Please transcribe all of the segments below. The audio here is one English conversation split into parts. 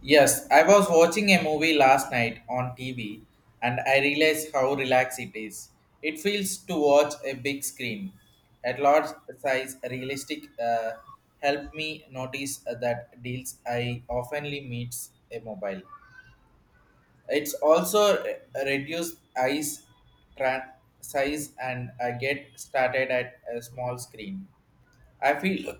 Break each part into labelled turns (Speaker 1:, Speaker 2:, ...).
Speaker 1: Yes, I was watching a movie last night on TV and I realized how relaxed it is. It feels to watch a big screen. At large size, realistic help me notice that deals I oftenly meets a mobile. It's also reduced eyes tra- size and I get started at a small screen. I feel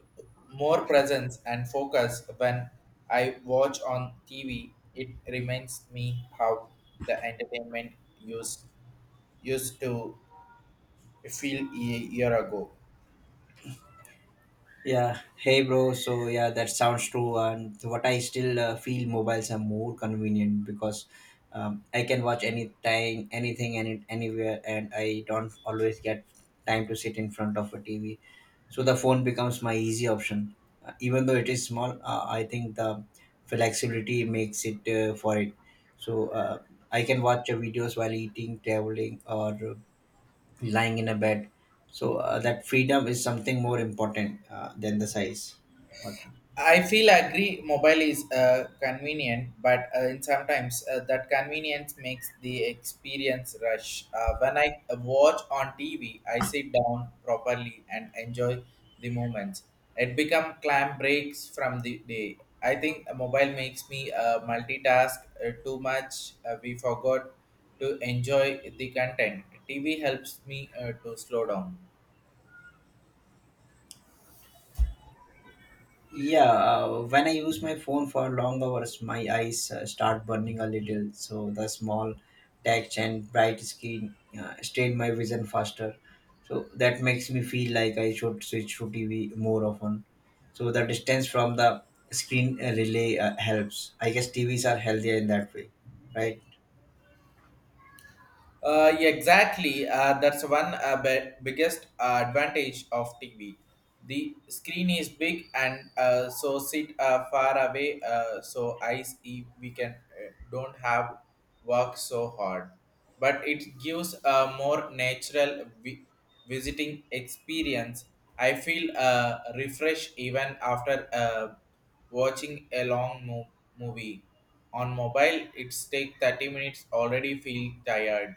Speaker 1: more presence and focus when I watch on TV. It reminds me how the entertainment used used to feel a year ago.
Speaker 2: Yeah, hey bro. So yeah, that sounds true. And what I still feel mobiles are more convenient because I can watch anytime, anything, anywhere, and I don't always get time to sit in front of a TV. So the phone becomes my easy option, even though it is small. I think the flexibility makes it for it. So I can watch videos while eating, traveling, or lying in a bed. So that freedom is something more important than the size. What?
Speaker 1: I feel agree. Mobile is convenient, but and sometimes that convenience makes the experience rush. When I watch on TV, I sit down properly and enjoy the moments. It become clam breaks from the day. I think a mobile makes me multitask too much. We forgot to enjoy the content. TV helps me to slow down.
Speaker 2: Yeah, when I use my phone for long hours, my eyes start burning a little. So the small text and bright screen strain my vision faster. So that makes me feel like I should switch to TV more often. So the distance from the screen relay helps. I guess TVs are healthier in that way, right?
Speaker 1: Yeah, exactly. That's one biggest advantage of TV. The screen is big and so sit far away. So eyes, if we can don't have work so hard, but it gives a more natural visiting experience. I feel refreshed even after watching a long movie. On mobile, it's take 30 minutes already feel tired.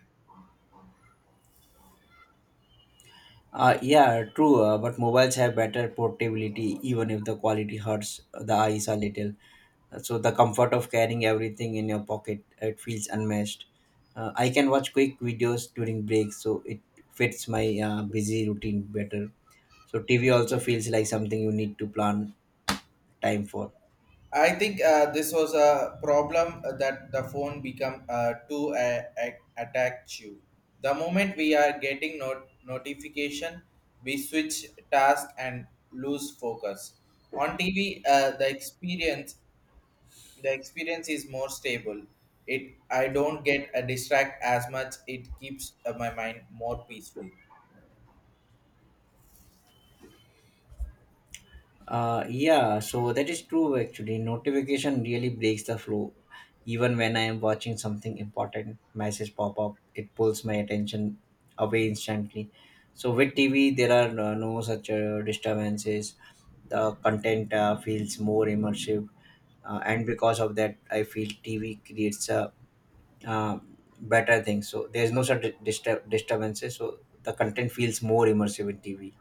Speaker 2: Yeah, true. But mobiles have better portability, even if the quality hurts the eyes a little. So the comfort of carrying everything in your pocket, it feels unmatched. I can watch quick videos during breaks, so it fits my busy routine better. So TV also feels like something you need to plan time for.
Speaker 1: I think this was a problem that the phone become too attacked you. The moment we are getting notification, we switch task and lose focus. On TV, the experience is more stable. It I don't get a distract as much. It keeps my mind more peaceful.
Speaker 2: Yeah, so that is true actually. Notification really breaks the flow. Even when I am watching something important, message pop up, it pulls my attention away instantly. So with TV, there are no such disturbances. The content feels more immersive, and because of that, I feel TV creates a uh, better thing. So there's no such disturbances. So the content feels more immersive in TV.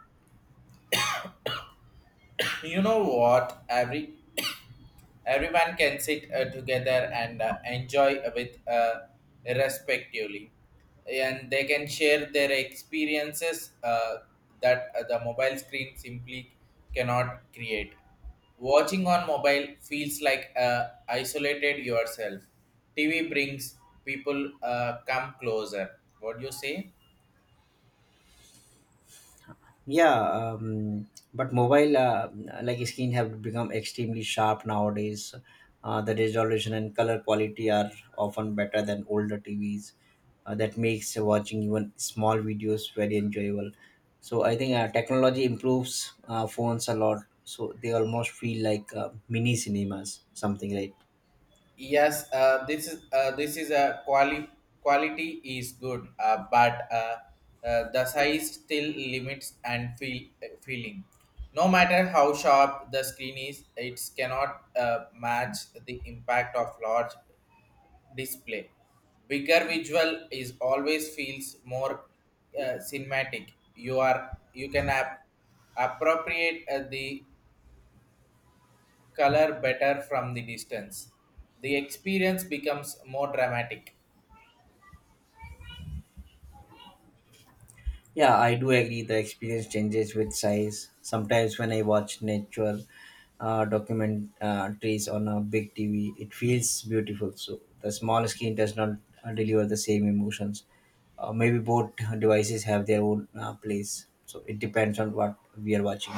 Speaker 1: You know what? Everyone can sit together and enjoy with respectively, and they can share their experiences that the mobile screen simply cannot create. Watching on mobile feels like isolated yourself. TV brings people come closer. What do you say?
Speaker 2: Yeah, but mobile like screen have become extremely sharp nowadays, the resolution and color quality are often better than older TVs. That makes watching even small videos very enjoyable, so I think technology improves phones a lot, so they almost feel like mini cinemas, something like.
Speaker 1: Yes, this is a quality quality is good, but the size still limits and feel feeling. No matter how sharp the screen is, it cannot match the impact of large display. Bigger visual is always feels more cinematic. You are you can appropriate the color better from the distance. The experience becomes more dramatic.
Speaker 2: Yeah, I do agree. The experience changes with size. Sometimes when I watch nature documentaries on a big TV, it feels beautiful. So the small screen does not deliver the same emotions. Maybe both devices have their own place. So it depends on what we are watching.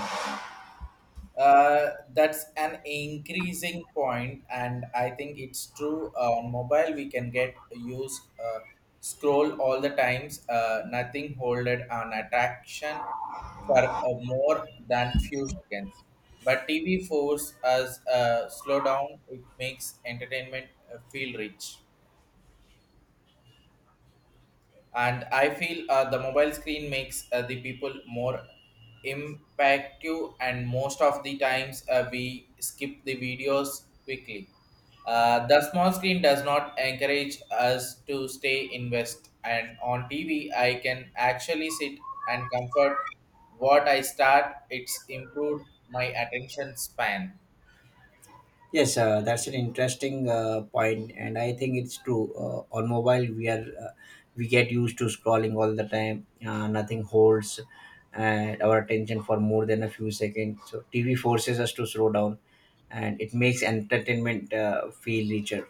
Speaker 1: That's an increasing point, and I think it's true. On mobile, we can get use scroll all the times. Nothing holded on attraction for more than few seconds. But TV force us slow down. It makes entertainment feel rich. And I feel the mobile screen makes the people more impactive and most of the times we skip the videos quickly. The small screen does not encourage us to stay invest, and on tv I can actually sit and comfort what I start it's improved my attention span.
Speaker 2: Yes, that's an interesting point, and I think it's true. On mobile, we get used to scrolling all the time. Nothing holds our attention for more than a few seconds. So TV forces us to slow down, and it makes entertainment feel richer.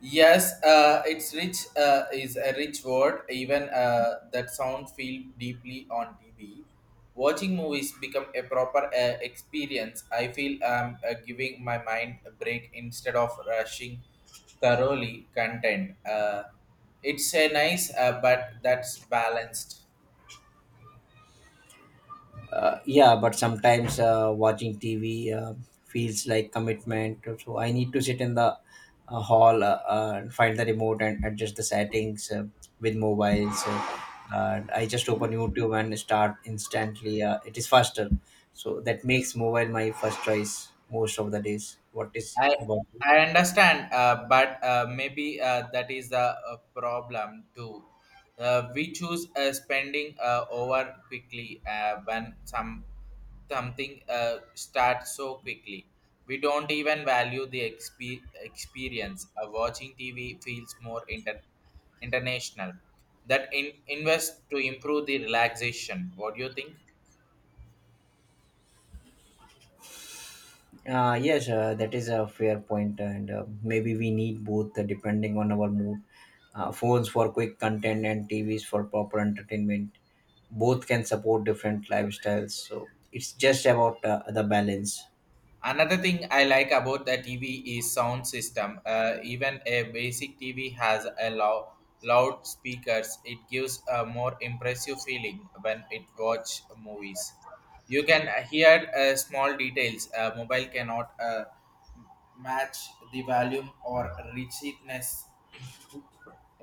Speaker 1: Yes, it's rich is a rich word. Even that sound feel deeply on TV. Watching movies become a proper experience. I feel I'm giving my mind a break instead of rushing thoroughly content. It's a nice, but that's balanced.
Speaker 2: yeah, but sometimes watching TV uh, feels like commitment, so I need to sit in the hall, and find the remote and adjust the settings, with mobile, so I just open YouTube and start instantly. It is faster, so that makes mobile my first choice most of the days. What is
Speaker 1: I
Speaker 2: about?
Speaker 1: I understand, but maybe that is the problem too. We choose spending over quickly when something starts so quickly. We don't even value the experience. Watching TV feels more international. That invest to improve the relaxation. What do you think?
Speaker 2: Yes, that is a fair point, and maybe we need both depending on our mood. Phones for quick content and TVs for proper entertainment. Both can support different lifestyles, so it's just about the balance.
Speaker 1: Another thing I like about the TV is sound system. Even a basic TV has a loudspeakers. It gives a more impressive feeling when it watch movies. You can hear small details. A mobile cannot match the volume or richness,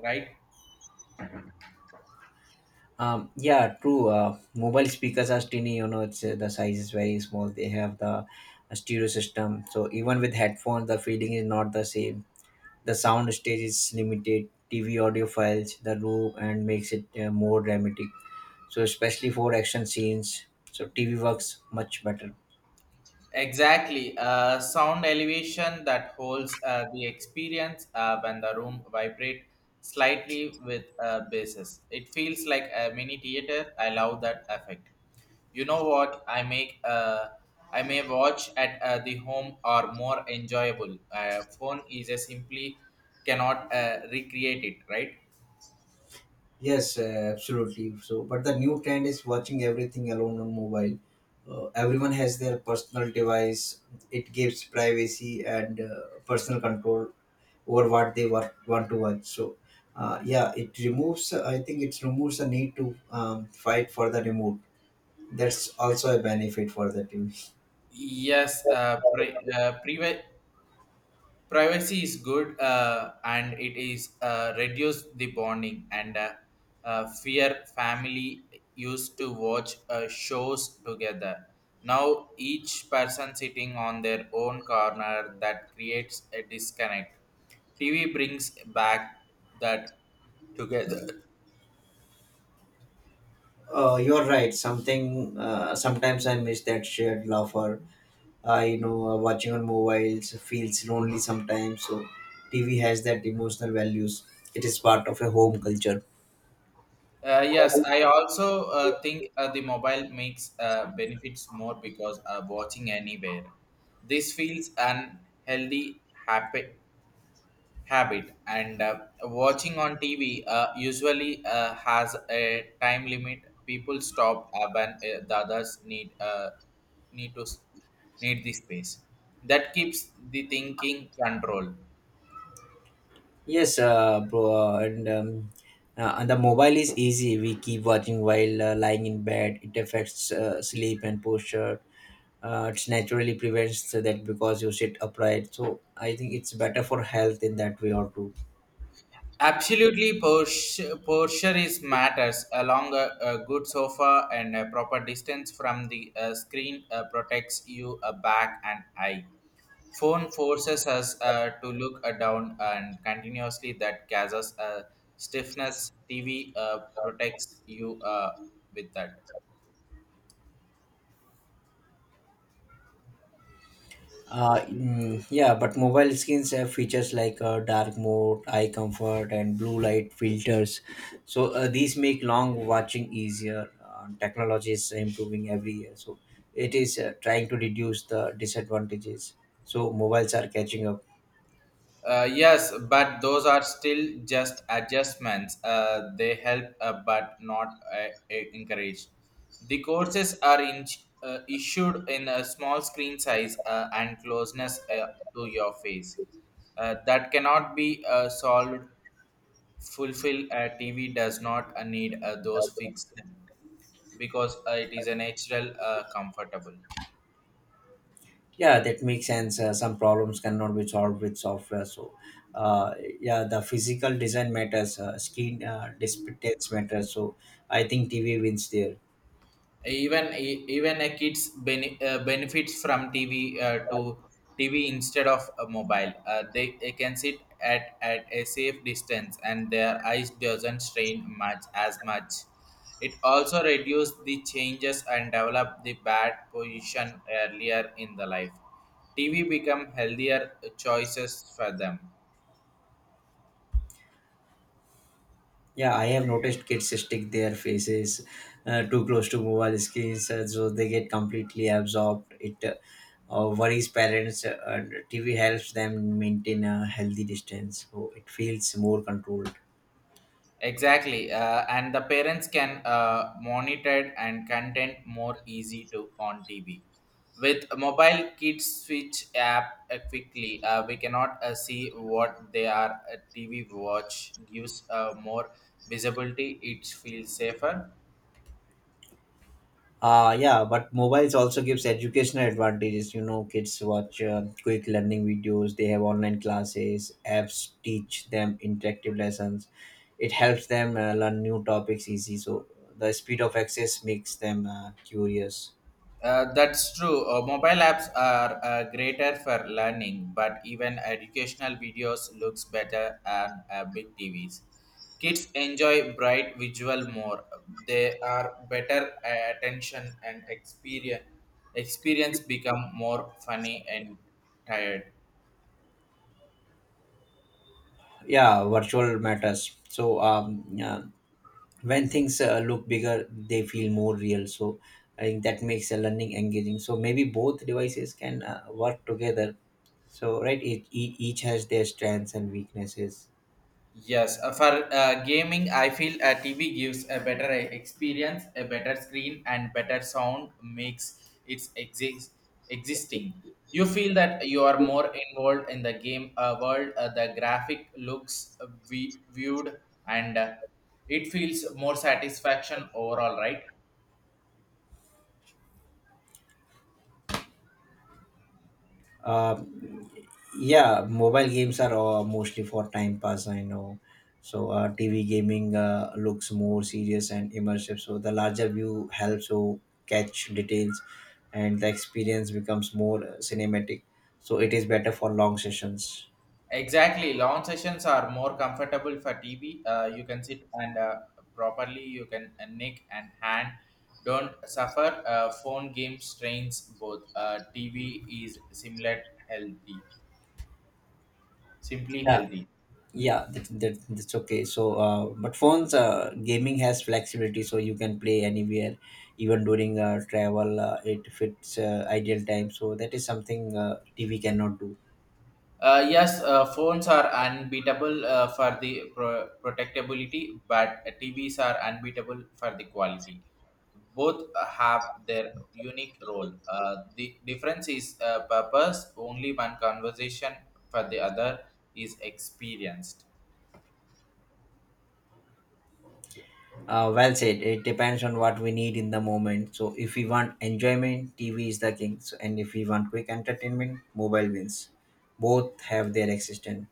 Speaker 1: right?
Speaker 2: Yeah, true. Mobile speakers are tiny, you know, the size is very small. They have the stereo system, so even with headphones, the feeling is not the same. The sound stage is limited. TV audio files the room and makes it more dramatic. So especially for action scenes, so TV works much better.
Speaker 1: Exactly. Sound elevation that holds the experience when the room vibrate slightly with bases. It feels like a mini theater. I love that effect. You know what? I make I may watch at the home or more enjoyable. Phone is a simply cannot recreate it, right?
Speaker 2: Yes, absolutely. So, but the new trend is watching everything alone on mobile. Everyone has their personal device. It gives privacy and personal control over what they want to watch. So, yeah, it removes. I think it removes the need to fight for the remote. That's also a benefit for the TV.
Speaker 1: Yes, privacy is good and it is reduce the bonding and fear family used to watch shows together. Now each person sitting on their own corner, that creates a disconnect. TV brings back that together.
Speaker 2: You're right. Something sometimes I miss that shared laugh, or you know, watching on mobiles feels lonely sometimes, so TV has that emotional values. It is part of a home culture.
Speaker 1: Yes, I also think the mobile makes benefits more because watching anywhere this feels unhealthy happy habit, and watching on tv usually has a time limit. People stop when the others need need to s- need the space. That keeps the thinking control.
Speaker 2: Yes, bro, and the mobile is easy. We keep watching while lying in bed. It affects sleep and posture. It naturally prevents that because you sit upright, so I think it's better for health in that way or two.
Speaker 1: Absolutely posture, posture is matters along a good sofa and a proper distance from the screen protects you a back and eye. Phone forces us to look down and continuously, that causes stiffness. Tv protects you with that.
Speaker 2: Yeah, but mobile screens have features like dark mode, eye comfort, and blue light filters. So these make long watching easier. Technology is improving every year, so it is trying to reduce the disadvantages. So mobiles are catching up.
Speaker 1: Yes, but those are still just adjustments. They help but not encouraged the courses are in, issued in a small screen size and closeness to your face. That cannot be solved fulfill. A TV does not need those fixed because it is a natural comfortable.
Speaker 2: Yeah, that makes sense. Some problems cannot be solved with software. So, uh, yeah, the physical design matters. Screen display matters. So I think TV wins there.
Speaker 1: Even a kids benefits from TV to TV instead of a mobile. They can sit at a safe distance and their eyes doesn't strain much as much. It also reduces the changes and develop the bad position earlier in the life. TV become healthier choices for them.
Speaker 2: Yeah, I have noticed kids stick their faces too close to mobile screens, so they get completely absorbed. It worries parents, and TV helps them maintain a healthy distance, so it feels more controlled.
Speaker 1: Exactly, and the parents can monitor and content more easy to on TV. With mobile kids switch app quickly, we cannot see what they are. A TV watch gives more visibility. It feels safer.
Speaker 2: Yeah, but mobiles also gives educational advantages. You know, kids watch quick learning videos. They have online classes. Apps teach them interactive lessons. It helps them learn new topics easy. So the speed of access makes them curious.
Speaker 1: That's true. Mobile apps are greater for learning, but even educational videos looks better on big TVs. Kids enjoy bright visual more. They are better attention and experience. Experience become more funny and tired.
Speaker 2: Yeah, virtual matters, so yeah, when things look bigger, they feel more real, so I think that makes the learning engaging. So maybe both devices can work together, so right, each has their strengths and weaknesses.
Speaker 1: Yes, for gaming, I feel TV gives a better experience, a better screen, and better sound makes its exist existing. You feel that you are more involved in the game world. The graphic looks viewed, and it feels more satisfaction overall, right?
Speaker 2: Um yeah, mobile games are mostly for time pass, I know. So TV gaming looks more serious and immersive, so the larger view helps to catch details, and the experience becomes more cinematic, so it is better for long sessions.
Speaker 1: Exactly. Long sessions are more comfortable for TV. You can sit and properly, you can neck and hand don't suffer. Phone game strains both. TV is similar healthy, simply
Speaker 2: Yeah,
Speaker 1: healthy.
Speaker 2: yeah, that's okay. So but phones gaming has flexibility, so you can play anywhere, even during travel. It fits ideal time, so that is something TV cannot do.
Speaker 1: Yes, phones are unbeatable for the protectability, but TVs are unbeatable for the quality. Both have their unique role. The difference is purpose, only one conversation for the other is experienced.
Speaker 2: Well said. It depends on what we need in the moment. So if we want enjoyment, TV is the king. So, and if we want quick entertainment, mobile wins. Both have their existence.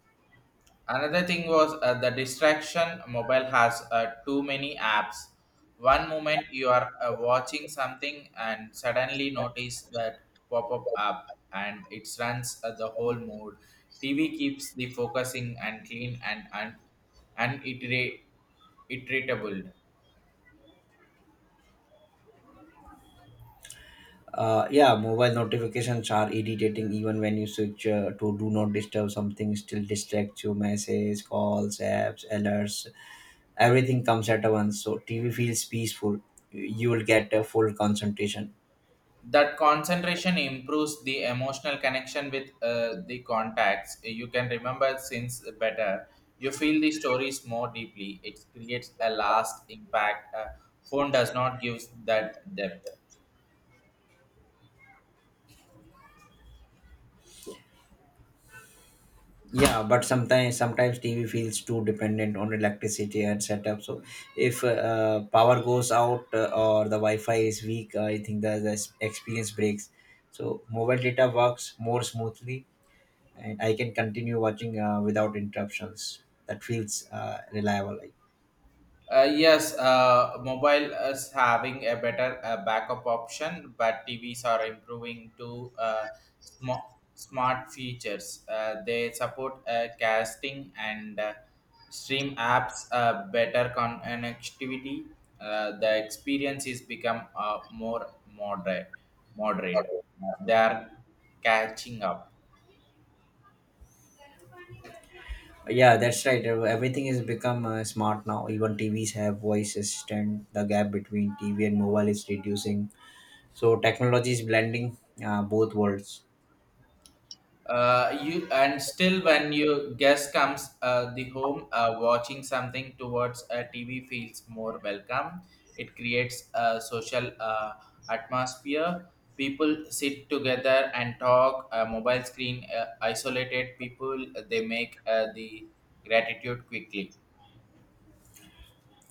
Speaker 1: Another thing was the distraction. Mobile has too many apps. One moment you are watching something and suddenly notice that pop up app, and it runs the whole mood. TV keeps the focusing and clean and un- uniterate iterable.
Speaker 2: Yeah, mobile notifications are irritating even when you switch to do not disturb. Something still distracts you. Messages, calls, apps, alerts, everything comes at once. So TV feels peaceful. You will get a full concentration.
Speaker 1: That concentration improves the emotional connection with the contacts. You can remember since better. You feel the stories more deeply, it creates a last impact. Phone does not give that depth.
Speaker 2: Yeah, but sometimes TV feels too dependent on electricity and setup. So if power goes out, or the Wi-Fi is weak, I think the experience breaks. So mobile data works more smoothly, and I can continue watching without interruptions. That feels reliable. Like.
Speaker 1: Yes, mobile is having a better backup option, but TVs are improving to sm- smart features. They support casting and stream apps, better connectivity. The experience is become more moderate. Moderate. They are catching up.
Speaker 2: Yeah, that's right. Everything has become smart now. Even TVs have voice assistant. The gap between TV and mobile is reducing. So technology is blending both worlds.
Speaker 1: You and still when your guest comes the home watching something towards a TV feels more welcome. It creates a social atmosphere. People sit together and talk. A mobile screen isolated people. They make the gratitude quickly.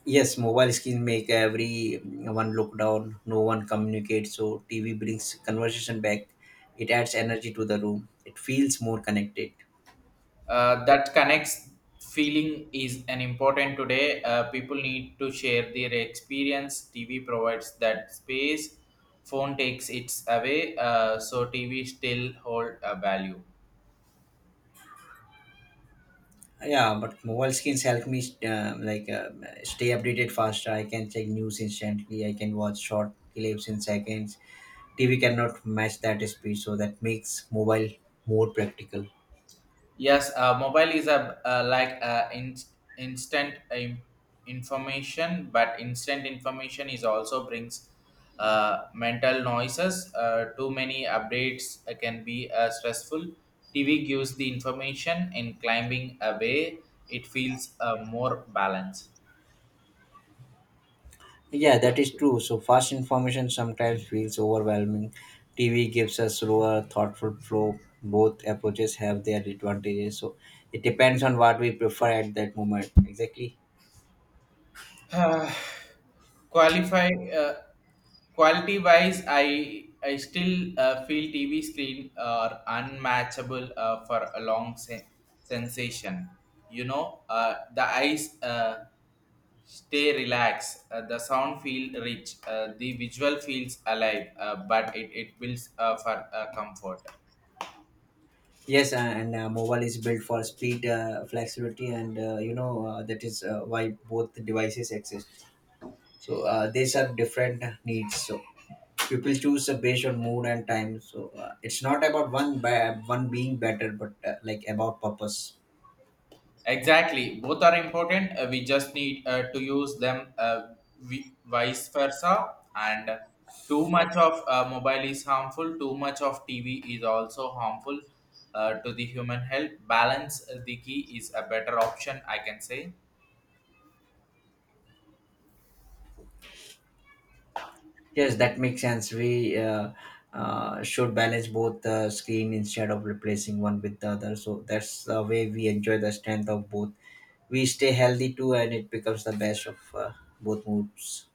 Speaker 2: Yes, mobile screen make everyone look down. No one communicates. So TV brings conversation back. It adds energy to the room. It feels more connected.
Speaker 1: That connects feeling is an important today. People need to share their experience, tv provides that space. Phone takes its away. So tv still hold a value.
Speaker 2: Yeah, but mobile screens help me like stay updated faster. I can check news instantly. I can watch short clips in seconds. TV cannot match that speed, so that makes mobile more practical.
Speaker 1: Yes, mobile is a like instant information, but instant information is also brings mental noises. Too many updates can be stressful. TV gives the information in climbing away. It feels more balanced.
Speaker 2: Yeah, that is true. So fast information sometimes feels overwhelming. TV gives a slower, thoughtful flow. Both approaches have their advantages. So it depends on what we prefer at that moment. Exactly.
Speaker 1: Uh, qualify Quality wise i still feel tv screen are unmatchable for a long sensation. You know the eyes stay relaxed, the sound feel rich, the visual feels alive, but it builds for comfort.
Speaker 2: Yes, and mobile is built for speed, flexibility, and you know that is why both devices exist. So they serve different needs. So people choose based on mood and time. So it's not about one by one being better, but like about purpose.
Speaker 1: Exactly, both are important. We just need to use them vice versa. And too much of mobile is harmful. Too much of TV is also harmful to the human health. Balance the key is a better option, I can say.
Speaker 2: Yes, that makes sense. We should balance both screen instead of replacing one with the other. So that's the way we enjoy the strength of both. We stay healthy too, and it becomes the best of both moods,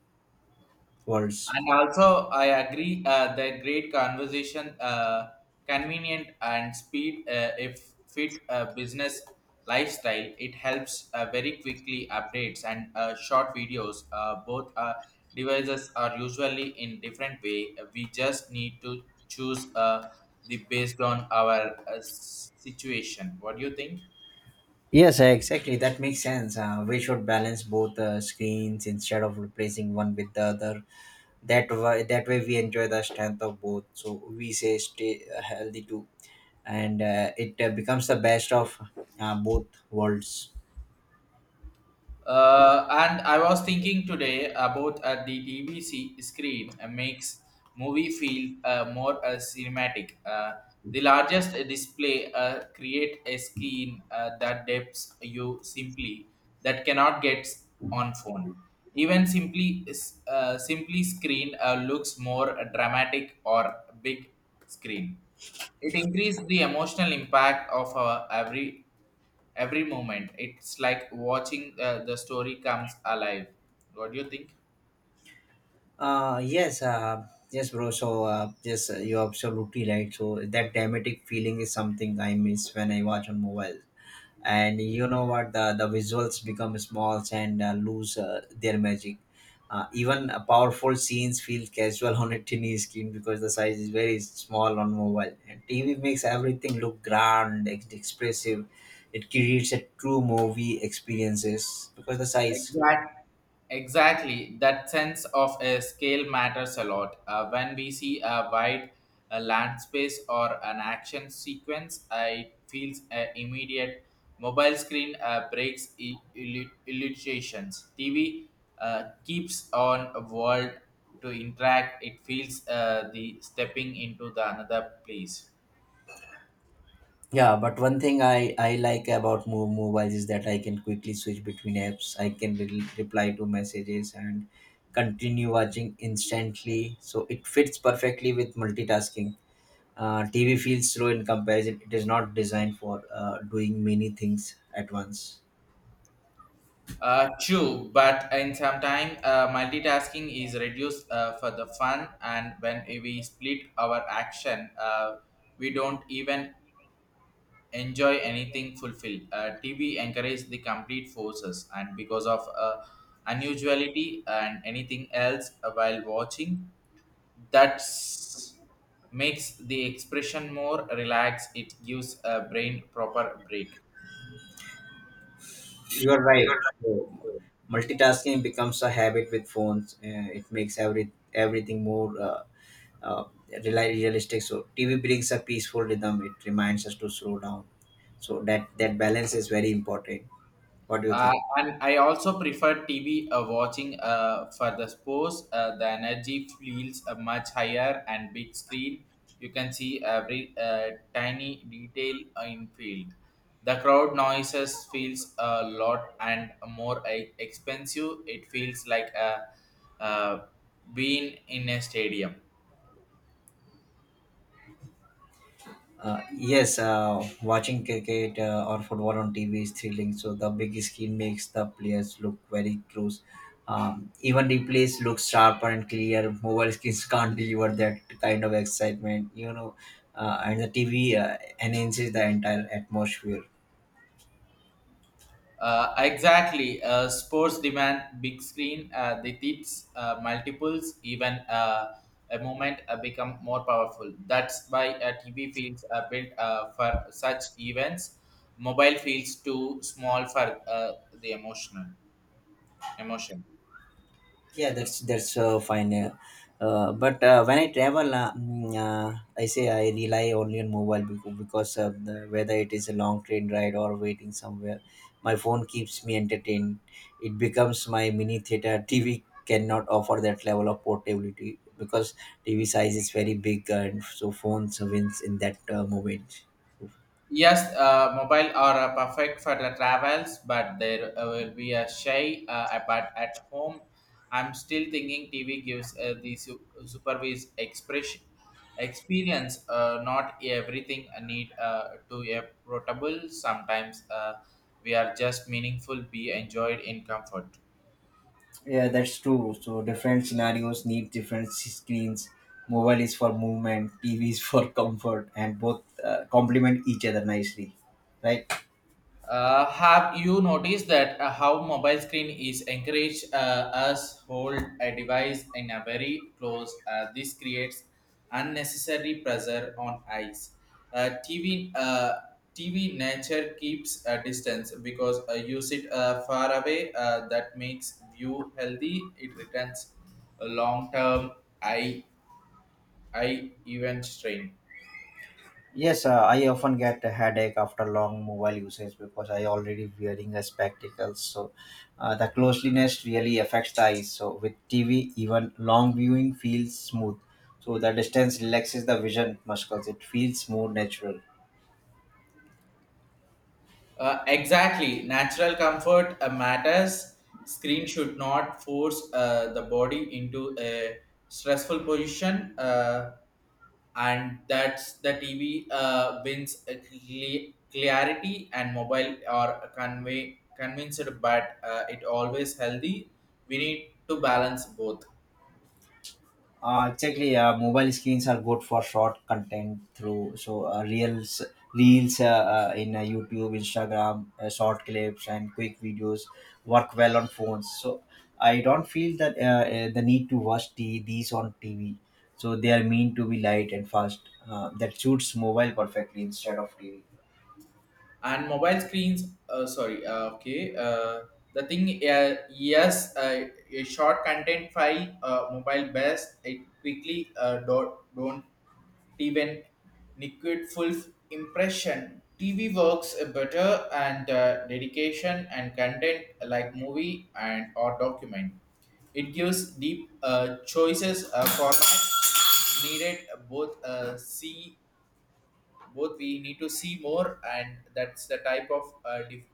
Speaker 2: worlds.
Speaker 1: And also, I agree that great conversation, convenient and speed, if fit business lifestyle, it helps very quickly updates and short videos. Both devices are usually in different way. We just need to choose the based on our situation. What do you think?
Speaker 2: Yes, exactly, that makes sense. We should balance both screens instead of replacing one with the other. That way we enjoy the strength of both. So we say stay healthy too, and it becomes the best of both worlds.
Speaker 1: And I was thinking today about the TV screen makes movie feel more cinematic. The largest display create a screen that depths you simply that cannot get on phone. Even simply screen looks more dramatic or big screen. It increased the emotional impact of every moment. It's like watching the story comes alive. What do you think?
Speaker 2: Uh, yes, uh, yes, bro. So, yes, you're absolutely right. So, that dramatic feeling is something I miss when I watch on mobile. And you know what? The visuals become small and lose their magic. Even powerful scenes feel casual on a tiny screen because the size is very small on mobile. And TV makes everything look grand, expressive. It creates a true movie experiences because the size.
Speaker 1: Exact. Exactly. That sense of a scale matters a lot. When we see a wide land space or an action sequence, it feels immediate. Mobile screen breaks illustrations. TV keeps on a world to interact. It feels the stepping into the another place.
Speaker 2: Yeah, but one thing I like about mobiles is that I can quickly switch between apps. I can reply to messages and continue watching instantly. So it fits perfectly with multitasking. TV feels slow in comparison. It is not designed for doing many things at once.
Speaker 1: True, but in some time, multitasking is reduced for the fun, and when we split our action, we don't even enjoy anything fulfilled. TV encourages the complete forces, and because of unusuality and anything else while watching, that's makes the expression more relaxed. It gives a brain proper break.
Speaker 2: You are right. So, multitasking becomes a habit with phones. It makes everything more uh, realistic. So TV brings a peaceful rhythm. It reminds us to slow down, so that balance is very important. What do you
Speaker 1: Uh,
Speaker 2: think?
Speaker 1: and I also prefer TV watching for the sports. The energy feels much higher and big screen. You can see every tiny detail in field. The crowd noises feels a lot and more expensive. It feels like a uh, being in a stadium.
Speaker 2: Yes, watching cricket or football on TV is thrilling. So the big screen makes the players look very close. Even replays look sharper and clear. Mobile screens can't deliver that kind of excitement, and the TV enhances the entire atmosphere.
Speaker 1: Exactly. Sports demand big screen. The tips, multiples, even a moment become more powerful. That's why TV feels built for such events. Mobile feels too small for the emotion.
Speaker 2: Yeah, that's fine, but when I travel, I say I rely only on mobile, because whether it is a long train ride or waiting somewhere, my phone keeps me entertained. It becomes my mini theater. TV cannot offer that level of portability, because TV size is very big, and so phones wins in that moment.
Speaker 1: Yes, mobile are perfect for the travels, but there will be a shy. But at home, I'm still thinking TV gives the supervised expression experience. Not everything I need to a portable. Sometimes we are just meaningful. Be enjoyed in comfort.
Speaker 2: Yeah, that's true. So different scenarios need different screens. Mobile is for movement, TV is for comfort, and both complement each other nicely, right?
Speaker 1: Have you noticed that how mobile screen is encourage us hold a device in a very close? This creates unnecessary pressure on eyes. Uh, TV uh, TV nature keeps a distance because you sit far away. That makes view healthy. It returns a long term eye eye event strain.
Speaker 2: Yes, I often get a headache after long mobile usage, because I already wearing a spectacles. So the closeliness really affects the eyes. So with TV, even long viewing feels smooth. So the distance relaxes the vision muscles. It feels more natural.
Speaker 1: Exactly. Natural comfort matters. Screen should not force the body into a stressful position, and that's the TV wins a clarity and mobile are convey convinced, but it always healthy. We need to balance both.
Speaker 2: Exactly. Mobile screens are good for short content through, so reels in YouTube, Instagram, short clips, and quick videos work well on phones. So I don't feel that the need to watch these on TV. So they are meant to be light and fast. That suits mobile perfectly instead of TV.
Speaker 1: And mobile screens sorry okay the thing yes a short content file mobile best it quickly don't even liquid full impression. TV works better and dedication and content like movie and or document. It gives deep choices format needed. Both see, both we need to see more, and that's the type of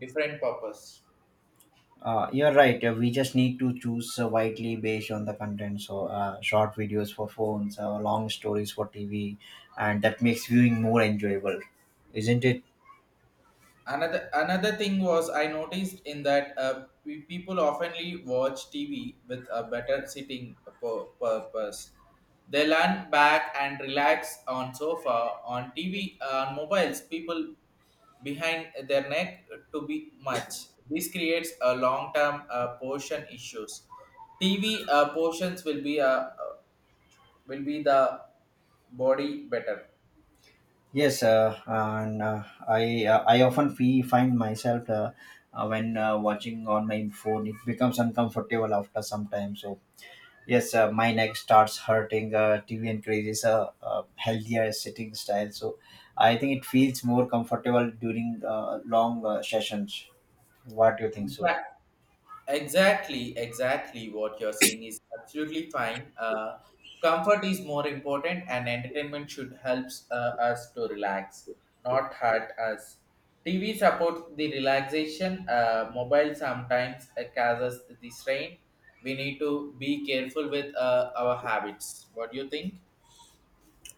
Speaker 1: different purpose.
Speaker 2: You're right. We just need to choose widely based on the content. So, short videos for phones, long stories for TV, and that makes viewing more enjoyable, isn't it?
Speaker 1: Another thing was I noticed in that people oftenly watch TV with a better sitting purpose. They lean back and relax on sofa on TV. On mobiles, people behind their neck to be much. This creates a long term portion issues. TV portions will be the body better.
Speaker 2: Yes, and I often fee find myself when watching on my phone, it becomes uncomfortable after some time. So, yes, my neck starts hurting. TV encourages a healthier sitting style. So, I think it feels more comfortable during long sessions. What do you think so?
Speaker 1: Exact- Exactly, exactly what you're saying is absolutely fine. Comfort is more important, and entertainment should helps us to relax, not hurt us. TV supports the relaxation. Mobile sometimes causes the strain. We need to be careful with our habits. What do you think?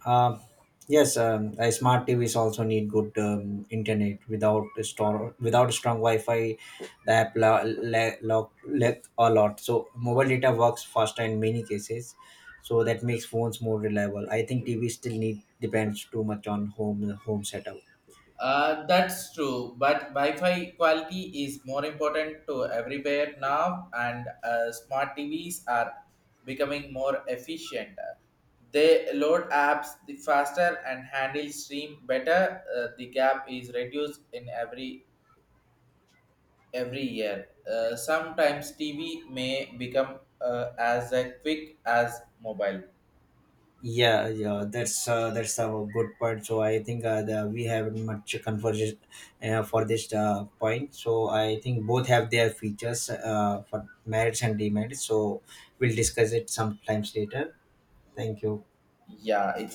Speaker 2: Um, yes, smart TVs also need good internet. Without a store, without strong Wi-Fi, the app lack a lot. So mobile data works faster in many cases. So that makes phones more reliable. I think TV still need depends too much on home setup.
Speaker 1: That's true, but Wi-Fi quality is more important to everywhere now, and smart TVs are becoming more efficient. They load apps the faster and handle stream better. The gap is reduced in every year. Sometimes TV may become as quick as mobile.
Speaker 2: Yeah, yeah, that's a good point. So I think we have much conversation for this point. So I think both have their features for merits and demerits. So we'll discuss it sometimes later. Thank you.
Speaker 1: Yeah, it was.